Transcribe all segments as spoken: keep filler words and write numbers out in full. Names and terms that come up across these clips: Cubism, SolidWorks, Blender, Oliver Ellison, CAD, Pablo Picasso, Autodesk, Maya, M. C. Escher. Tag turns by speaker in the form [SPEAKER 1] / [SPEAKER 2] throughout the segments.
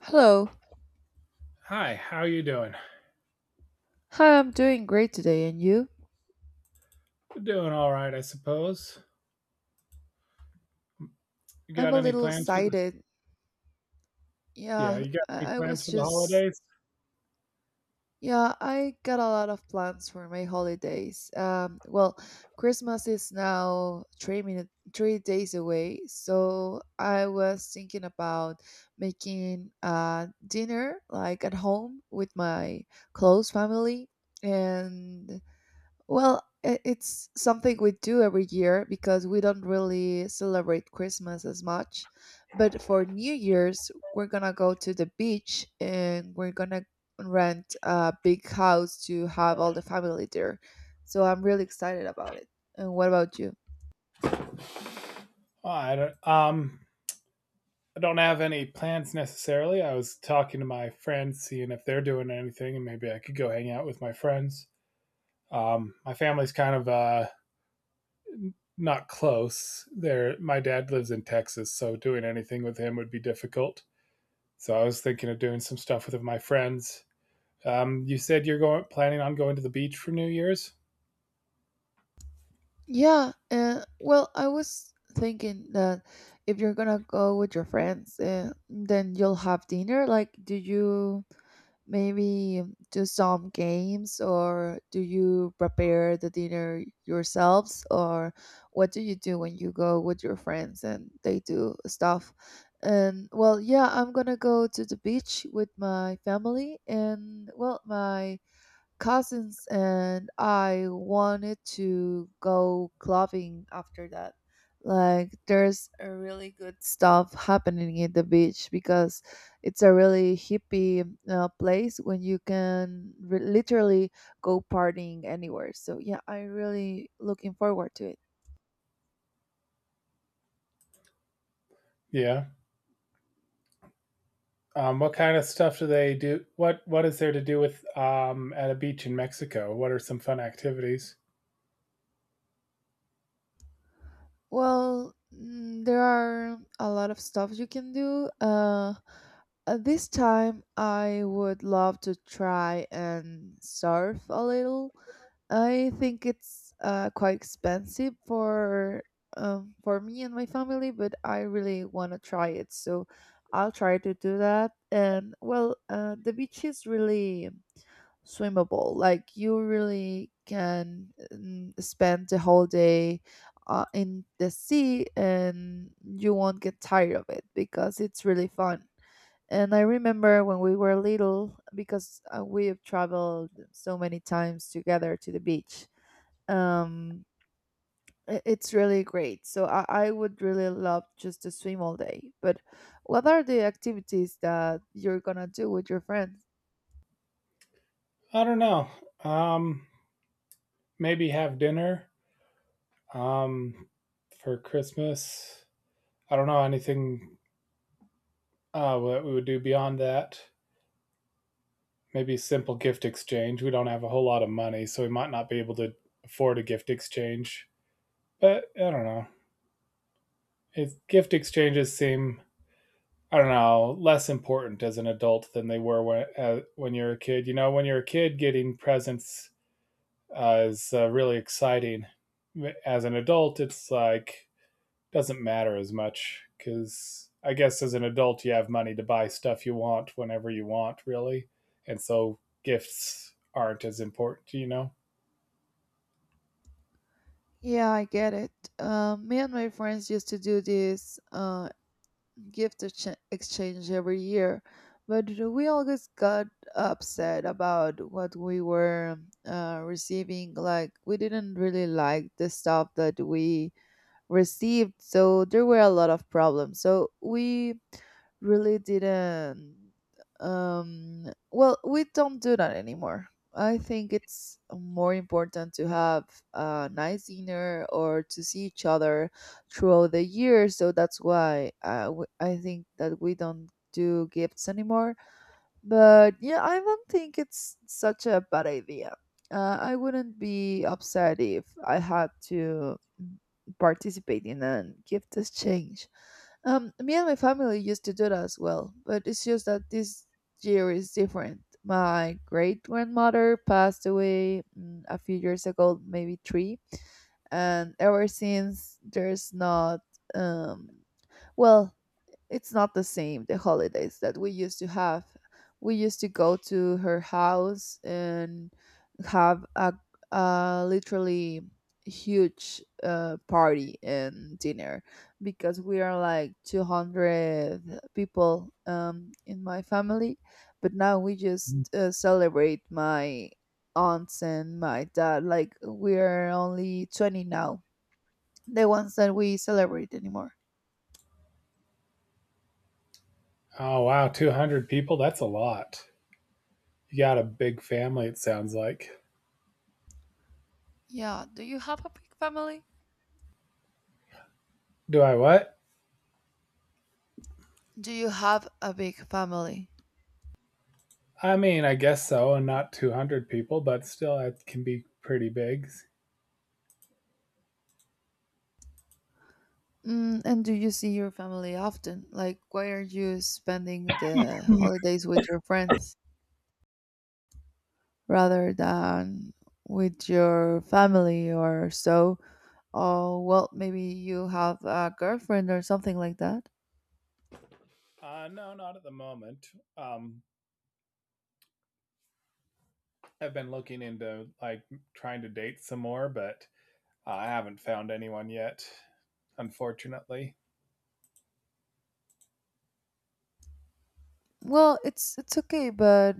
[SPEAKER 1] Hello.
[SPEAKER 2] Hi, how you doing?
[SPEAKER 1] Hi, I'm doing great today, and you?
[SPEAKER 2] Doing all right, I suppose. You
[SPEAKER 1] I'm
[SPEAKER 2] got
[SPEAKER 1] a
[SPEAKER 2] any
[SPEAKER 1] little
[SPEAKER 2] plans for the...
[SPEAKER 1] excited.
[SPEAKER 2] Yeah,
[SPEAKER 1] Yeah,
[SPEAKER 2] you got any
[SPEAKER 1] I, I
[SPEAKER 2] plans
[SPEAKER 1] was
[SPEAKER 2] for the
[SPEAKER 1] just.
[SPEAKER 2] holidays?
[SPEAKER 1] Yeah, I got a lot of plans for my holidays. Um, well, Christmas is now three minute, three days away, so I was thinking about making a dinner like at home with my close family, and well, i- it's something we do every year because we don't really celebrate Christmas as much. But for New Year's, we're gonna go to the beach and we're gonna rent a big house to have all the family there. So I'm really excited about it. And what about you?
[SPEAKER 2] Oh, I don't um I don't have any plans necessarily. I was talking to my friends, seeing if they're doing anything and maybe I could go hang out with my friends. Um my family's kind of uh not close. There, my dad lives in Texas, so doing anything with him would be difficult. So I was thinking of doing some stuff with my friends. Um, you said you're going planning on going to the beach for New Year's.
[SPEAKER 1] Yeah, uh, well, I was thinking that if you're gonna go with your friends, uh, then you'll have dinner. Like, do you? Maybe do some games, or do you prepare the dinner yourselves, or what do you do when you go with your friends and they do stuff? And well, yeah, I'm gonna go to the beach with my family, and well, my cousins and I wanted to go clubbing after that. Like there's a really good stuff happening at the beach because it's a really hippie uh, place when you can re- literally go partying anywhere. So yeah, I really looking forward to it.
[SPEAKER 2] Yeah. Um, what kind of stuff do they do? What What is there to do with um, at a beach in Mexico? What are some fun activities?
[SPEAKER 1] Well, mm, there are a lot of stuff you can do. Uh, uh, this time I would love to try and surf a little. I think it's uh, quite expensive for um, for me and my family, but I really want to try it, so I'll try to do that. And well, uh, the beach is really swimmable. Like you really can mm, spend the whole day uh, in the sea, and you won't get tired of it because it's really fun. And I remember when we were little, because uh, we have traveled so many times together to the beach. Um, i- it's really great. So I, I would really love just to swim all day. But what are the activities that you're gonna do with your friends?
[SPEAKER 2] I don't know. Um, Maybe have dinner um, for Christmas. I don't know anything uh, what we would do beyond that. Maybe simple gift exchange. We don't have a whole lot of money, so we might not be able to afford a gift exchange. But I don't know. It's, gift exchanges seem... I don't know, less important as an adult than they were when uh, when you're a kid. You know, when you're a kid, getting presents uh, is uh, really exciting. As an adult, it's like doesn't matter as much, because I guess as an adult, you have money to buy stuff you want whenever you want, really, and so gifts aren't as important. You know.
[SPEAKER 1] Yeah, I get it. Um, me and my friends used to do this uh, gift exch- exchange every year, but we always got upset about what we were uh, receiving. Like we didn't really like the stuff that we received. So there were a lot of problems. So we really didn't. Um, well, we don't do that anymore. I think it's more important to have a nice dinner or to see each other throughout the year. So that's why uh, w- I think that we don't do gifts anymore, but yeah, I don't think it's such a bad idea. Uh, I wouldn't be upset if I had to participate in a gift exchange. Um, me and my family used to do that as well, but it's just that this year is different. My great grandmother passed away mm, a few years ago, maybe three, and ever since there's not. Um, well, it's not the same, the holidays that we used to have. We used to go to her house and have a, a literally huge uh, party and dinner because we are like two hundred people um, in my family. But now we just uh, celebrate my aunts and my dad. Like we are only twenty now, the ones that we celebrate anymore.
[SPEAKER 2] Oh wow, two hundred people? That's a lot. You got a big family, it sounds like.
[SPEAKER 1] Yeah. Do you have a big family?
[SPEAKER 2] Do I what?
[SPEAKER 1] Do you have a big family?
[SPEAKER 2] I mean, I guess so, and not two hundred people, but still that can be pretty big.
[SPEAKER 1] Mm, and do you see your family often? Like, why are you spending the holidays with your friends rather than with your family or so? Or well, maybe you have a girlfriend or something like that.
[SPEAKER 2] Uh no, not at the moment. Um I've been looking into like trying to date some more, but I haven't found anyone yet, unfortunately.
[SPEAKER 1] Well, it's it's okay, but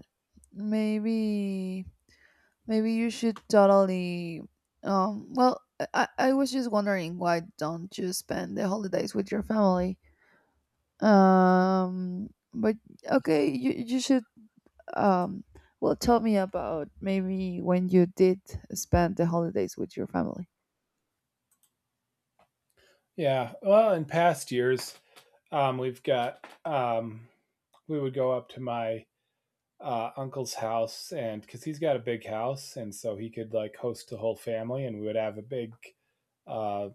[SPEAKER 1] maybe maybe you should totally. Um, well, I, I I was just wondering, why don't you spend the holidays with your family? Um, but okay, you you should. Um, well, tell me about maybe when you did spend the holidays with your family.
[SPEAKER 2] Yeah, well, in past years, um we've got um we would go up to my uh, uncle's house, and because he's got a big house, and so he could like host the whole family, and we would have a big uh,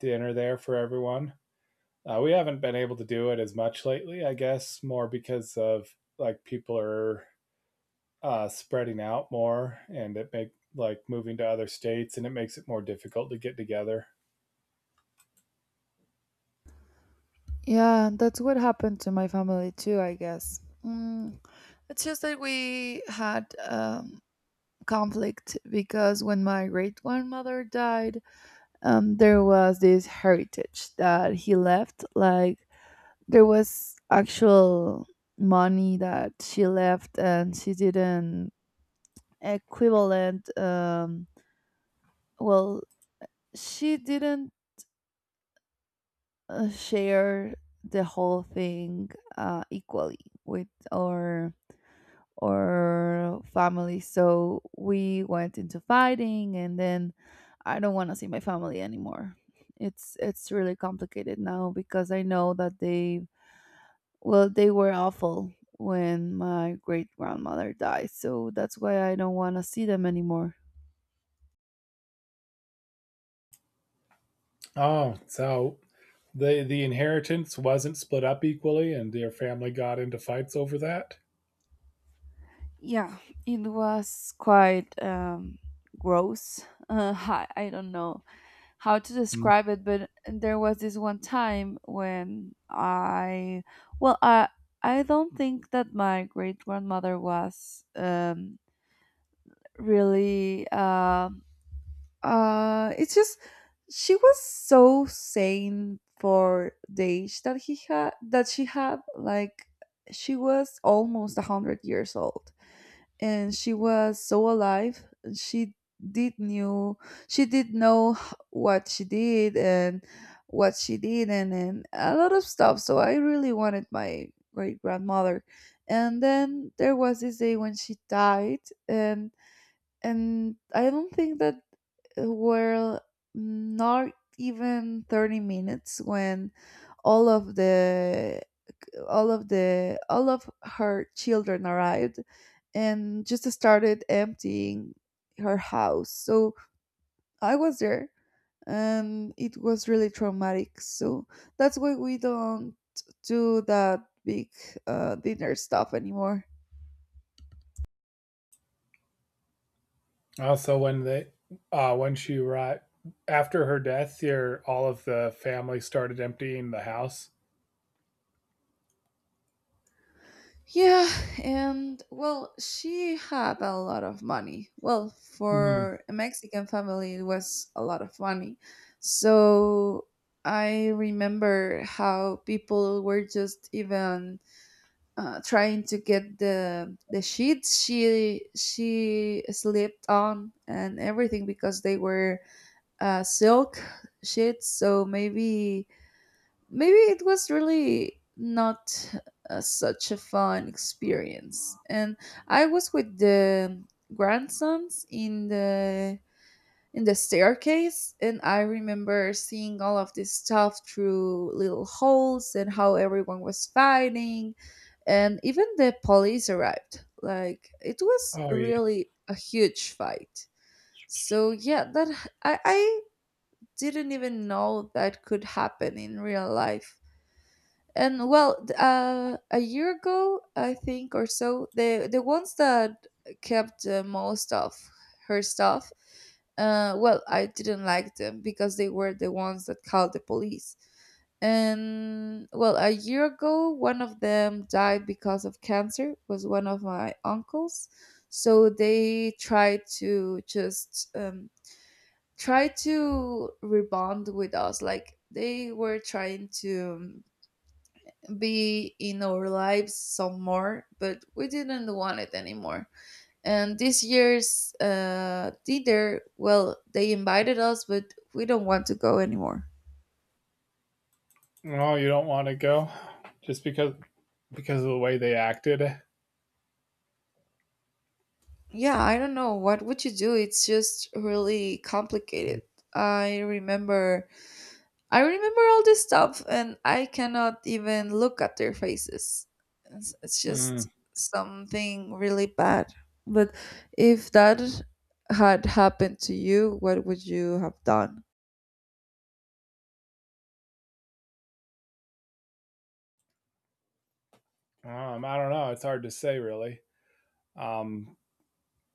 [SPEAKER 2] dinner there for everyone. Uh, we haven't been able to do it as much lately, I guess, more because of like people are uh, spreading out more, and it make like moving to other states, and it makes it more difficult to get together.
[SPEAKER 1] Yeah, that's what happened to my family too, I guess. Mm, it's just that we had um, conflict because when my great grandmother died, um, there was this heritage that he left. Like there was actual money that she left, and she didn't equivalent. Um, well, she didn't uh, share the whole thing uh, equally with our or family, so we went into fighting, and then I don't want to see my family anymore. it's it's really complicated now because I know that they well, they were awful when my great grandmother died, so that's why I don't want to see them anymore.
[SPEAKER 2] Oh, so the the inheritance wasn't split up equally, and their family got into fights over that.
[SPEAKER 1] Yeah, it was quite um, gross. Uh, I, I don't know how to describe it, but there was this one time when I, well, I, I don't think that my great grandmother was um, really. uh. uh it's just she was so sane for the age that he had that she had, like she was almost one hundred years old, and she was so alive. She did knew, she did know h- what she did and what she did not, and a lot of stuff, so I really wanted my great grandmother. And then there was this day when she died, and and I don't think that uh, were not even thirty minutes when all of the all of the all of her children arrived and just started emptying her house. So I was there, and it was really traumatic, so that's why we don't do that big uh, dinner stuff anymore.
[SPEAKER 2] Also, when they, uh, when she right after her death, here all of the family started emptying the house.
[SPEAKER 1] Yeah, and well, she had a lot of money. Well,
[SPEAKER 2] Hmm.
[SPEAKER 1] for a Mexican family, it was a lot of money. So I remember how people were just even uh, trying to get the the sheets she she slept on and everything because they were uh, silk sheets. So maybe maybe it was really not uh, such a fun experience, and I was with the grandsons in the in the staircase, and I remember seeing all of this stuff through little holes, and how everyone was fighting, and even the police arrived. Like it was
[SPEAKER 2] Oh yeah.
[SPEAKER 1] really a huge fight. So yeah, that i, I didn't even know that could happen in real life. And well, th- uh, a year ago, I think, or so, the the ones that kept uh, most of her stuff, uh, well, I didn't like them because they were the ones that called the police. And well, a year ago, one of them died because of cancer. Was one of my uncles, so they tried to just um, try to rebond with us. Like they were trying to um, be in our lives some more, but we didn't want it anymore. And this year's uh, dinner, well, they invited us, but we don't want to go anymore.
[SPEAKER 2] No, you don't want to go, just because because of the way they acted.
[SPEAKER 1] Yeah, I don't know. What would you do? It's just really complicated. I remember I remember all this stuff, and I cannot even look at their faces. It's, it's
[SPEAKER 2] Mm.
[SPEAKER 1] just something really bad. But if that had happened to you, what would you have done?
[SPEAKER 2] Um, I don't know. It's hard to say, really. Um,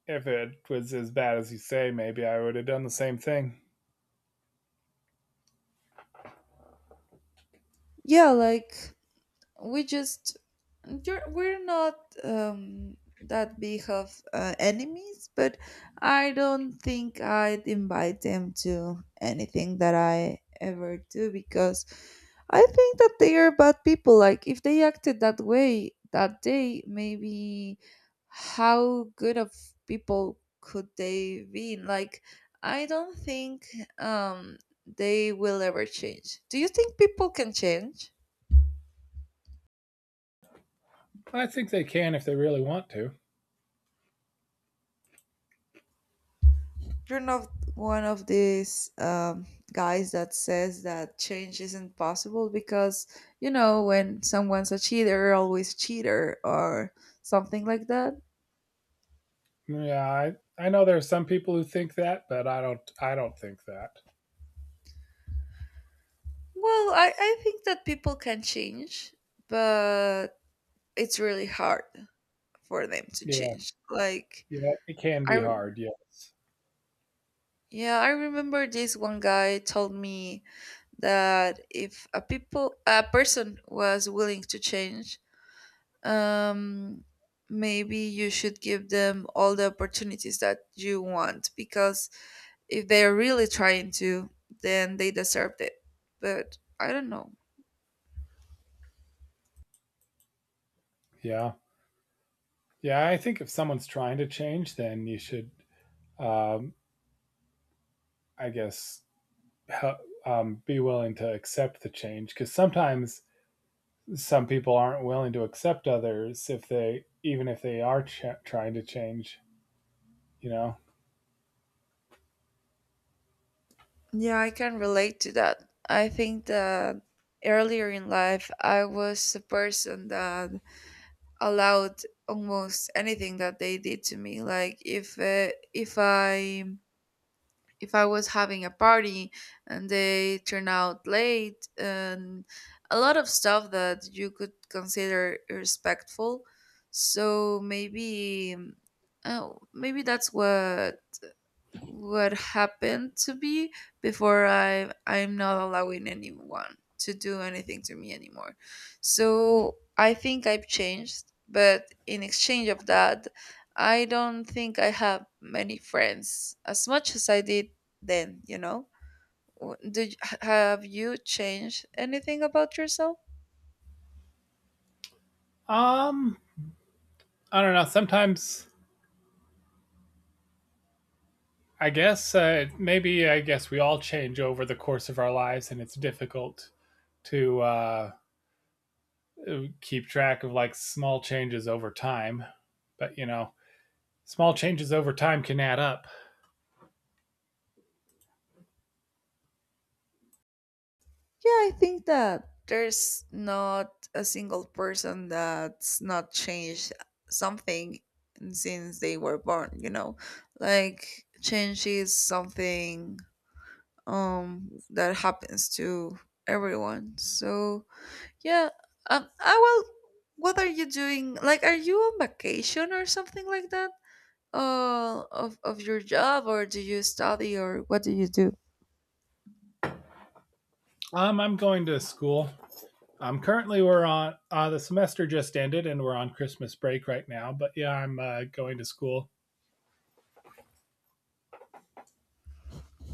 [SPEAKER 2] if it was as bad as you say, maybe I would have done the same thing.
[SPEAKER 1] Yeah, like we just you're, we're not um, that big of uh, enemies, but I don't think I'd invite them to anything that I ever do because I think that they are bad people. Like if they acted that way that day, maybe how good of people could they be? Like I don't think um, they will ever change. Do you think people can change?
[SPEAKER 2] I think they can if they really want to.
[SPEAKER 1] You're not one of these um, guys that says that change isn't possible because, you know, when someone's a cheater, you're always cheater or something like that.
[SPEAKER 2] Yeah, I, I know there are some people who think that, but I don't. I don't think that.
[SPEAKER 1] Well, I, I think that people can change, but it's really hard for them to
[SPEAKER 2] Yeah,
[SPEAKER 1] change. Like,
[SPEAKER 2] yeah, it can
[SPEAKER 1] I,
[SPEAKER 2] be
[SPEAKER 1] re-
[SPEAKER 2] hard. Yes.
[SPEAKER 1] yeah, I remember this one guy told me that if a people, a person was willing to change, um, maybe you should give them all the opportunities that you want, because if they're really trying to, then they deserved it. But I don't know.
[SPEAKER 2] Yeah. Yeah. I think if someone's trying to change, then you should, um, I guess, hel- um, be willing to accept the change, because sometimes some people aren't willing to accept others if they, even if they are ch- trying to change, you know?
[SPEAKER 1] Yeah, I can relate to that. I think that earlier in life, I was a person that allowed almost anything that they did to me. Like if uh, if I if I was having a party and they turn out late, and a lot of stuff that you could consider irrespectful. So maybe, um, oh, maybe that's what what happened to me before. I I'm not allowing anyone to do anything to me anymore. So I think I've changed, but in exchange of that, I don't think I have many friends as much as I did then, you know? W- Did have you changed anything about yourself?
[SPEAKER 2] Um, I don't know. Sometimes I guess uh, maybe I guess we all change over the course of our lives, and it's difficult to uh, keep track of like small changes over time. But you know, small changes over time can add up.
[SPEAKER 1] Yeah, I think that there's not a single person that's not changed something since they were born, you know? Like change is something um that happens to everyone. So, yeah, um I will what are you doing? Like are you on vacation or something like that? Uh of of your job, or do you study, or what do you do?
[SPEAKER 2] Um, I'm going to school. Um, currently we're on uh, the semester just ended and we're on Christmas break right now. But yeah, I'm uh, going to school.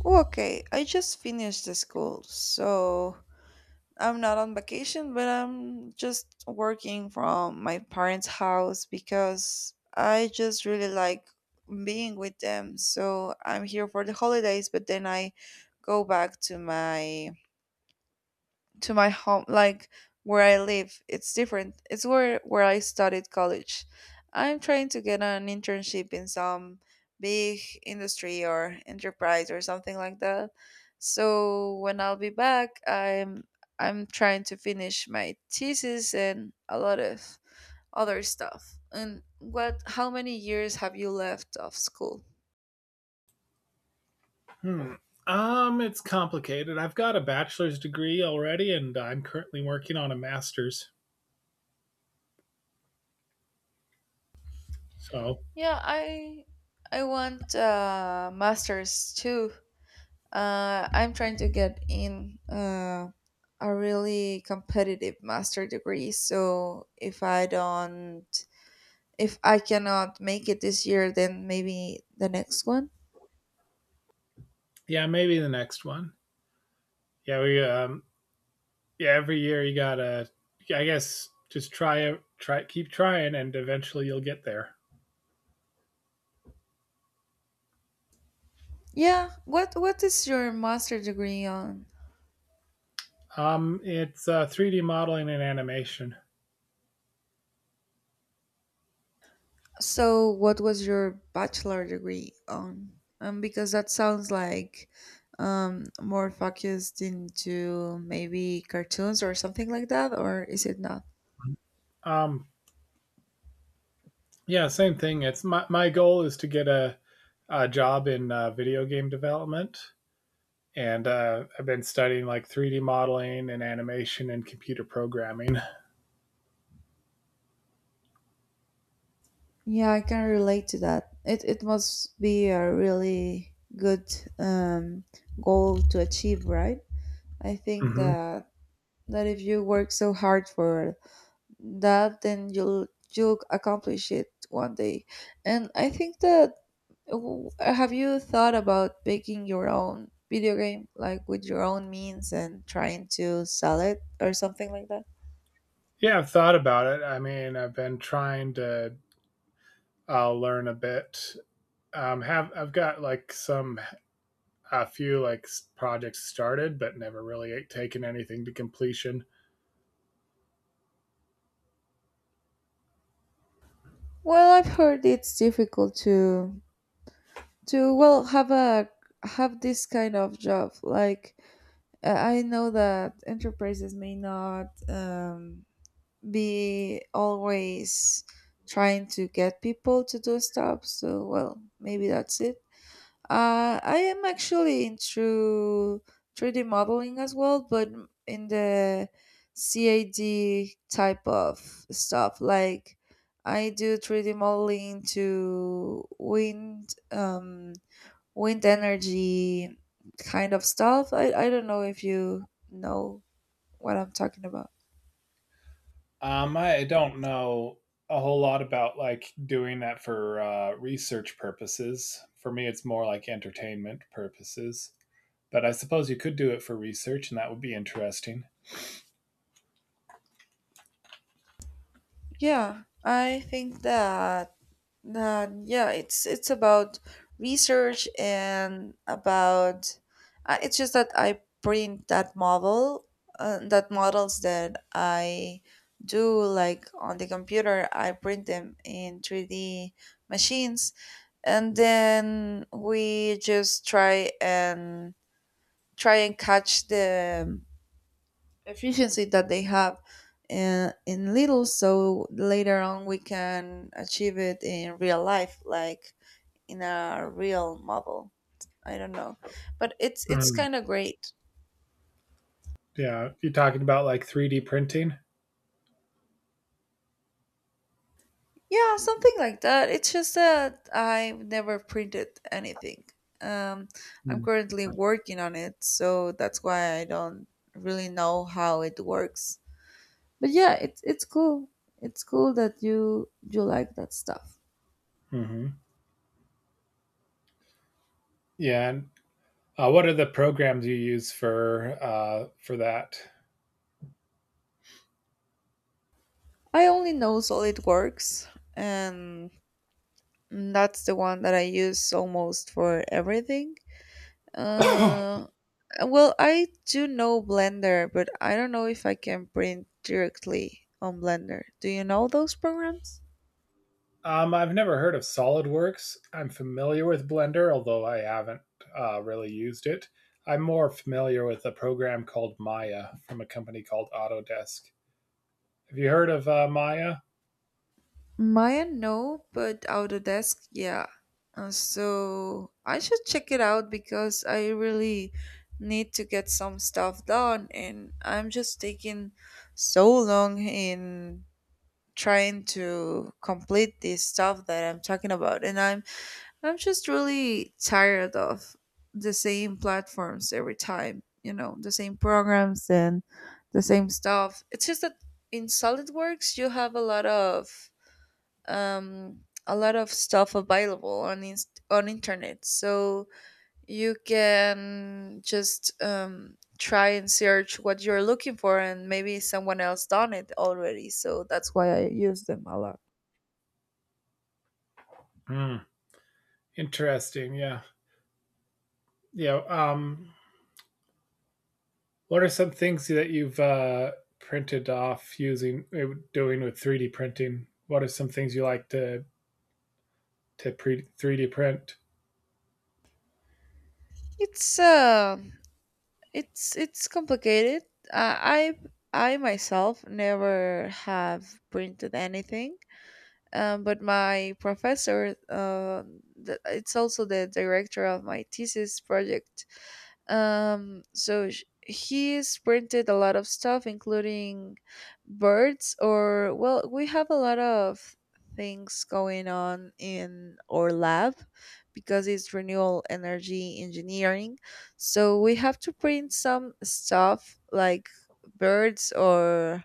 [SPEAKER 1] Okay, I just finished the school. So, I'm not on vacation, but I'm just working from my parents' house because I just really like being with them. So I'm here for the holidays, but then I go back to my to my home, like where I live. It's different. It's where where I studied college. I'm trying to get an internship in some big industry or enterprise or something like that. So when I'll be back, I'm I'm trying to finish my thesis and a lot of other stuff. And what how many years have you left of school?
[SPEAKER 2] Hmm. Um, it's complicated. I've got a bachelor's degree already, and I'm currently working on a master's. So
[SPEAKER 1] Yeah, I I want uh masters too. Uh, I'm trying to get in uh, a really competitive master degree. So if I don't, if I cannot make it this year, then maybe the next one.
[SPEAKER 2] yeah, maybe the next one. Yeah, we um, yeah, every year you gotta, I guess, just try try keep trying, and eventually you'll get there.
[SPEAKER 1] Yeah. What What is your master degree on?
[SPEAKER 2] Um, it's uh, three D modeling and animation.
[SPEAKER 1] So what was your bachelor degree on? Um, because that sounds like um more focused into maybe cartoons or something like that, or is it not?
[SPEAKER 2] Um, Yeah, same thing. It's my my goal is to get a, a job in uh, video game development, and uh, I've been studying like three D modeling and animation and computer programming.
[SPEAKER 1] Yeah, I can relate to that. It it must be a really good, um, goal to achieve, right? I think
[SPEAKER 2] Hmm.
[SPEAKER 1] that that if you work so hard for that, then you'll you'll accomplish it one day. And I think that w- have you thought about making your own video game, like with your own means, and trying to sell it or something like that?
[SPEAKER 2] Yeah, I've thought about it. I mean, I've been trying to uh, learn a bit. Um, have I've got like some a few like s- projects started, but never really taken anything to completion.
[SPEAKER 1] Well, I've heard it's difficult to to well have a have this kind of job, like uh, I know that enterprises may not, um, be always trying to get people to do stuff, so well maybe that's it. uh, I am actually into three d modeling as well, but in the cad type of stuff, like I do three d modeling to wind, um, wind energy kind of stuff. I, I don't know if you know what I'm talking about.
[SPEAKER 2] Um, I don't know a whole lot about like doing that for uh, research purposes. For me, it's more like entertainment purposes. But I suppose you could do it for research, and that would be interesting.
[SPEAKER 1] Yeah, I think that that yeah, it's it's about research and about, uh, it's just that I print that model uh, that models that I do, like on the computer, I print them in three D machines. And then we just try and try and catch the efficiency that they have in, in little, so later on we can achieve it in real life, like in a real model. I don't know, but it's it's
[SPEAKER 2] Mm,
[SPEAKER 1] kind of great.
[SPEAKER 2] yeah, you're talking about like three D printing.
[SPEAKER 1] Yeah, something like that. It's just that I've never printed anything, um I'm
[SPEAKER 2] Mm.
[SPEAKER 1] currently working on it, so that's why I don't really know how it works. But yeah, it's it's cool. It's cool that you you like that stuff.
[SPEAKER 2] Hmm. Yeah. And, uh, what are the programs you use for uh, for that?
[SPEAKER 1] I only know SolidWorks, and that's the one that I use almost for everything. Uh, well, I do know Blender, but I don't know if I can print directly on Blender. Do you know those programs?
[SPEAKER 2] Um, I've never heard of SolidWorks. I'm familiar with Blender, although I haven't uh, really used it. I'm more familiar with a program called Maya from a company called Autodesk. Have you heard of uh, Maya?
[SPEAKER 1] Maya, no, but Autodesk, yeah. Uh, so I should check it out because I really need to get some stuff done, and I'm just taking so long in trying to complete this stuff that I'm talking about, and I'm I'm just really tired of the same platforms every time, you know, the same programs and the same stuff. It's just that in SolidWorks you have a lot of um a lot of stuff available on inst- on internet. So you can just um try and search what you're looking for, and maybe someone else done it already, so that's why I use them a lot.
[SPEAKER 2] Hmm. Interesting. Yeah. Yeah. Um, what are some things that you've uh, printed off using uh, doing with three D printing? What are some things you like to to pre- three D print?
[SPEAKER 1] It's uh, it's it's complicated. Uh, I I myself never have printed anything, um, but my professor, uh, th- it's also the director of my thesis project. Um, so sh- he sprinted a lot of stuff, including birds, or, well, we have a lot of things going on in our lab because it's renewable energy engineering. So we have to print some stuff like birds or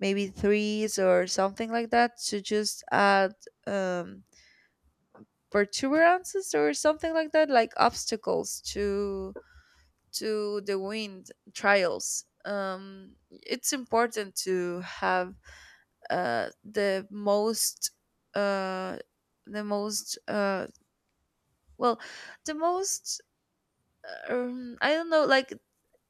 [SPEAKER 1] maybe trees or something like that, to just add, um, protuberances or something like that, like obstacles to to the wind trials. Um, it's important to have, uh, the most uh, the most uh, well the most um, I don't know, like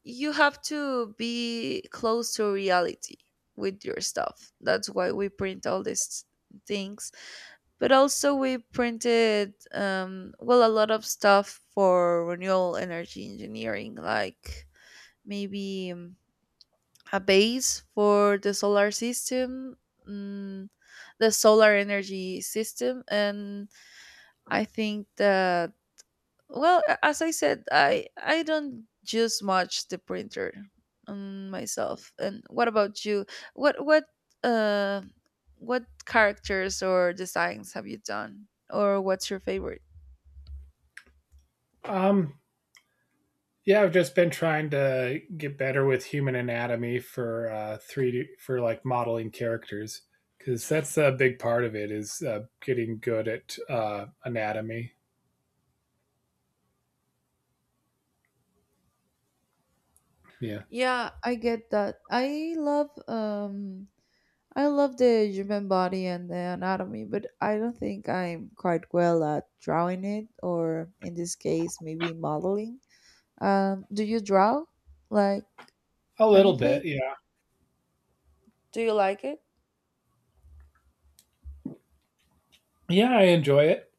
[SPEAKER 1] you have to be close to reality with your stuff. That's why we print all these things. But also we printed, um, well, a lot of stuff for renewable energy engineering, like maybe, um, a base for the solar system, mm, the solar energy system. And I think that, well, a- as I said, i i don't use much the printer, um, myself. And what about you? What what uh what characters or designs have you done, or what's your favorite?
[SPEAKER 2] Um, Yeah, I've just been trying to get better with human anatomy for uh, three D for like modeling characters, because that's a big part of it is uh, getting good at uh, anatomy. Yeah,
[SPEAKER 1] Yeah, I get that. I love, um I love the human body and the anatomy, but I don't think I'm quite well at drawing it, or in this case, maybe modeling. Um, do you draw like
[SPEAKER 2] a little bit.
[SPEAKER 1] anything?
[SPEAKER 2] Yeah,
[SPEAKER 1] Do you like it?
[SPEAKER 2] yeah, I enjoy it.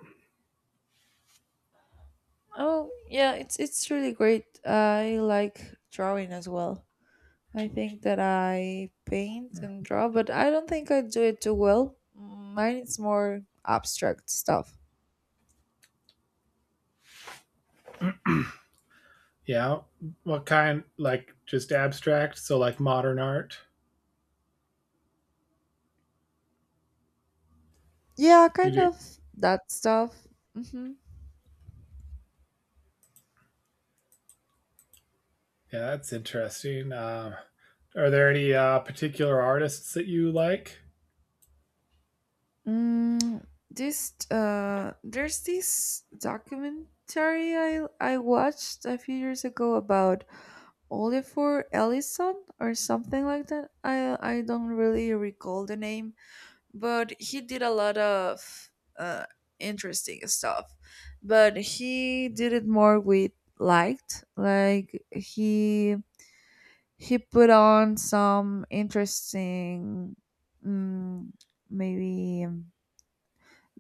[SPEAKER 1] Oh, yeah, it's it's really great. I like drawing as well. I think that I paint and draw, but I don't think I do it too well. Mine is more abstract stuff.
[SPEAKER 2] Yeah, what kind? Like just abstract, so like modern art.
[SPEAKER 1] Yeah,
[SPEAKER 2] You
[SPEAKER 1] kind
[SPEAKER 2] do?
[SPEAKER 1] of that stuff. hmm
[SPEAKER 2] Yeah, that's interesting. Um, are there any uh, particular artists that you like?
[SPEAKER 1] Mm, this uh, there's this documentary I I watched a few years ago about Oliver Ellison or something like that. I I don't really recall the name, but he did a lot of uh interesting stuff. But he did it more with liked like he he put on some interesting, mm, maybe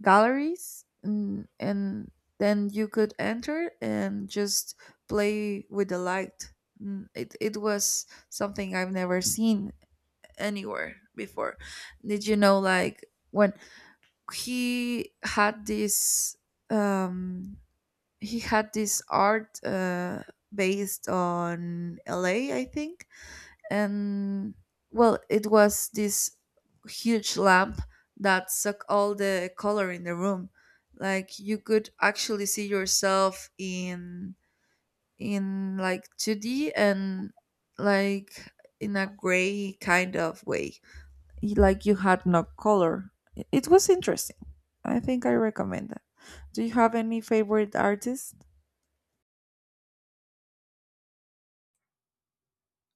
[SPEAKER 1] galleries, and, and then you could enter and just play with the light. Mm, it, it was something I've never seen anywhere before. Did you know, like when he had this, um he had this art uh based on la, I think. And well, it was this huge lamp that sucked all the color in the room, like you could actually see yourself in in like two d, and like in a gray kind of way. Y- like you had no color. I- it was interesting. I think I recommend that. do you have any favorite artists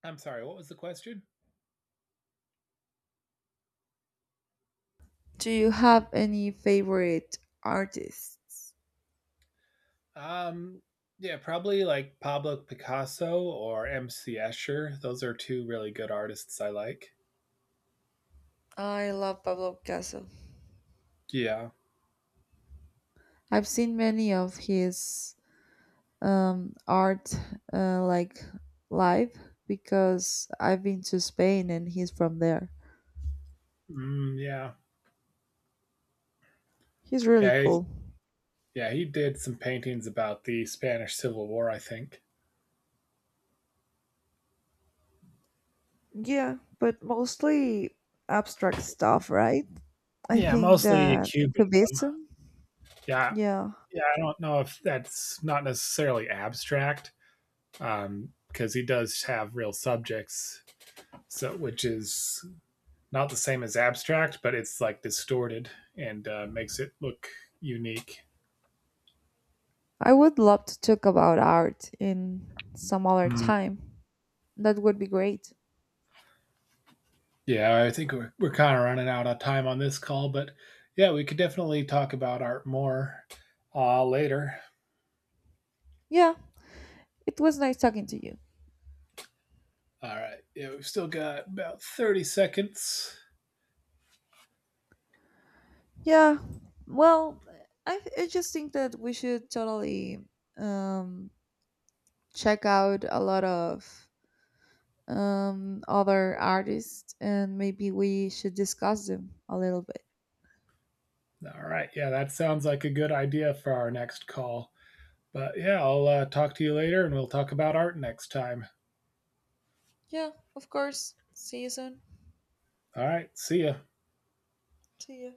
[SPEAKER 2] I'm sorry, what was the question?
[SPEAKER 1] do you have any favorite artists?
[SPEAKER 2] Um, yeah, probably like Pablo Picasso or M. C. Escher. Those are two really good artists I like.
[SPEAKER 1] I love Pablo Picasso.
[SPEAKER 2] Yeah.
[SPEAKER 1] I've seen many of his, um, art, uh, like live, because I've been to Spain and he's from there.
[SPEAKER 2] Mm, yeah.
[SPEAKER 1] He's really
[SPEAKER 2] Yeah. He,
[SPEAKER 1] cool.
[SPEAKER 2] yeah. He did some paintings about the Spanish Civil War, I think.
[SPEAKER 1] Yeah, but mostly abstract stuff, right? I
[SPEAKER 2] Yeah,
[SPEAKER 1] think
[SPEAKER 2] mostly
[SPEAKER 1] that
[SPEAKER 2] Cuban.
[SPEAKER 1] Cubism,
[SPEAKER 2] Yeah.
[SPEAKER 1] yeah.
[SPEAKER 2] Yeah. I don't know if that's not necessarily abstract. Um, because he does have real subjects, so which is not the same as abstract, but it's like distorted and uh, makes it look unique.
[SPEAKER 1] I would love to talk about art in some other
[SPEAKER 2] Hmm.
[SPEAKER 1] time. That would be great.
[SPEAKER 2] Yeah, I think we're, we're kind of running out of time on this call, but yeah, we could definitely talk about art more uh, later.
[SPEAKER 1] Yeah, it was nice talking to you.
[SPEAKER 2] All right. Yeah, we've still got about thirty seconds.
[SPEAKER 1] Yeah, well, I, I just think that we should totally, um, check out a lot of, um, other artists, and maybe we should discuss them a little bit.
[SPEAKER 2] All right. Yeah, that sounds like a good idea for our next call. But yeah, I'll uh, talk to you later and we'll talk about art next time.
[SPEAKER 1] Yeah, of course. See you soon.
[SPEAKER 2] All right. See ya.
[SPEAKER 1] See you.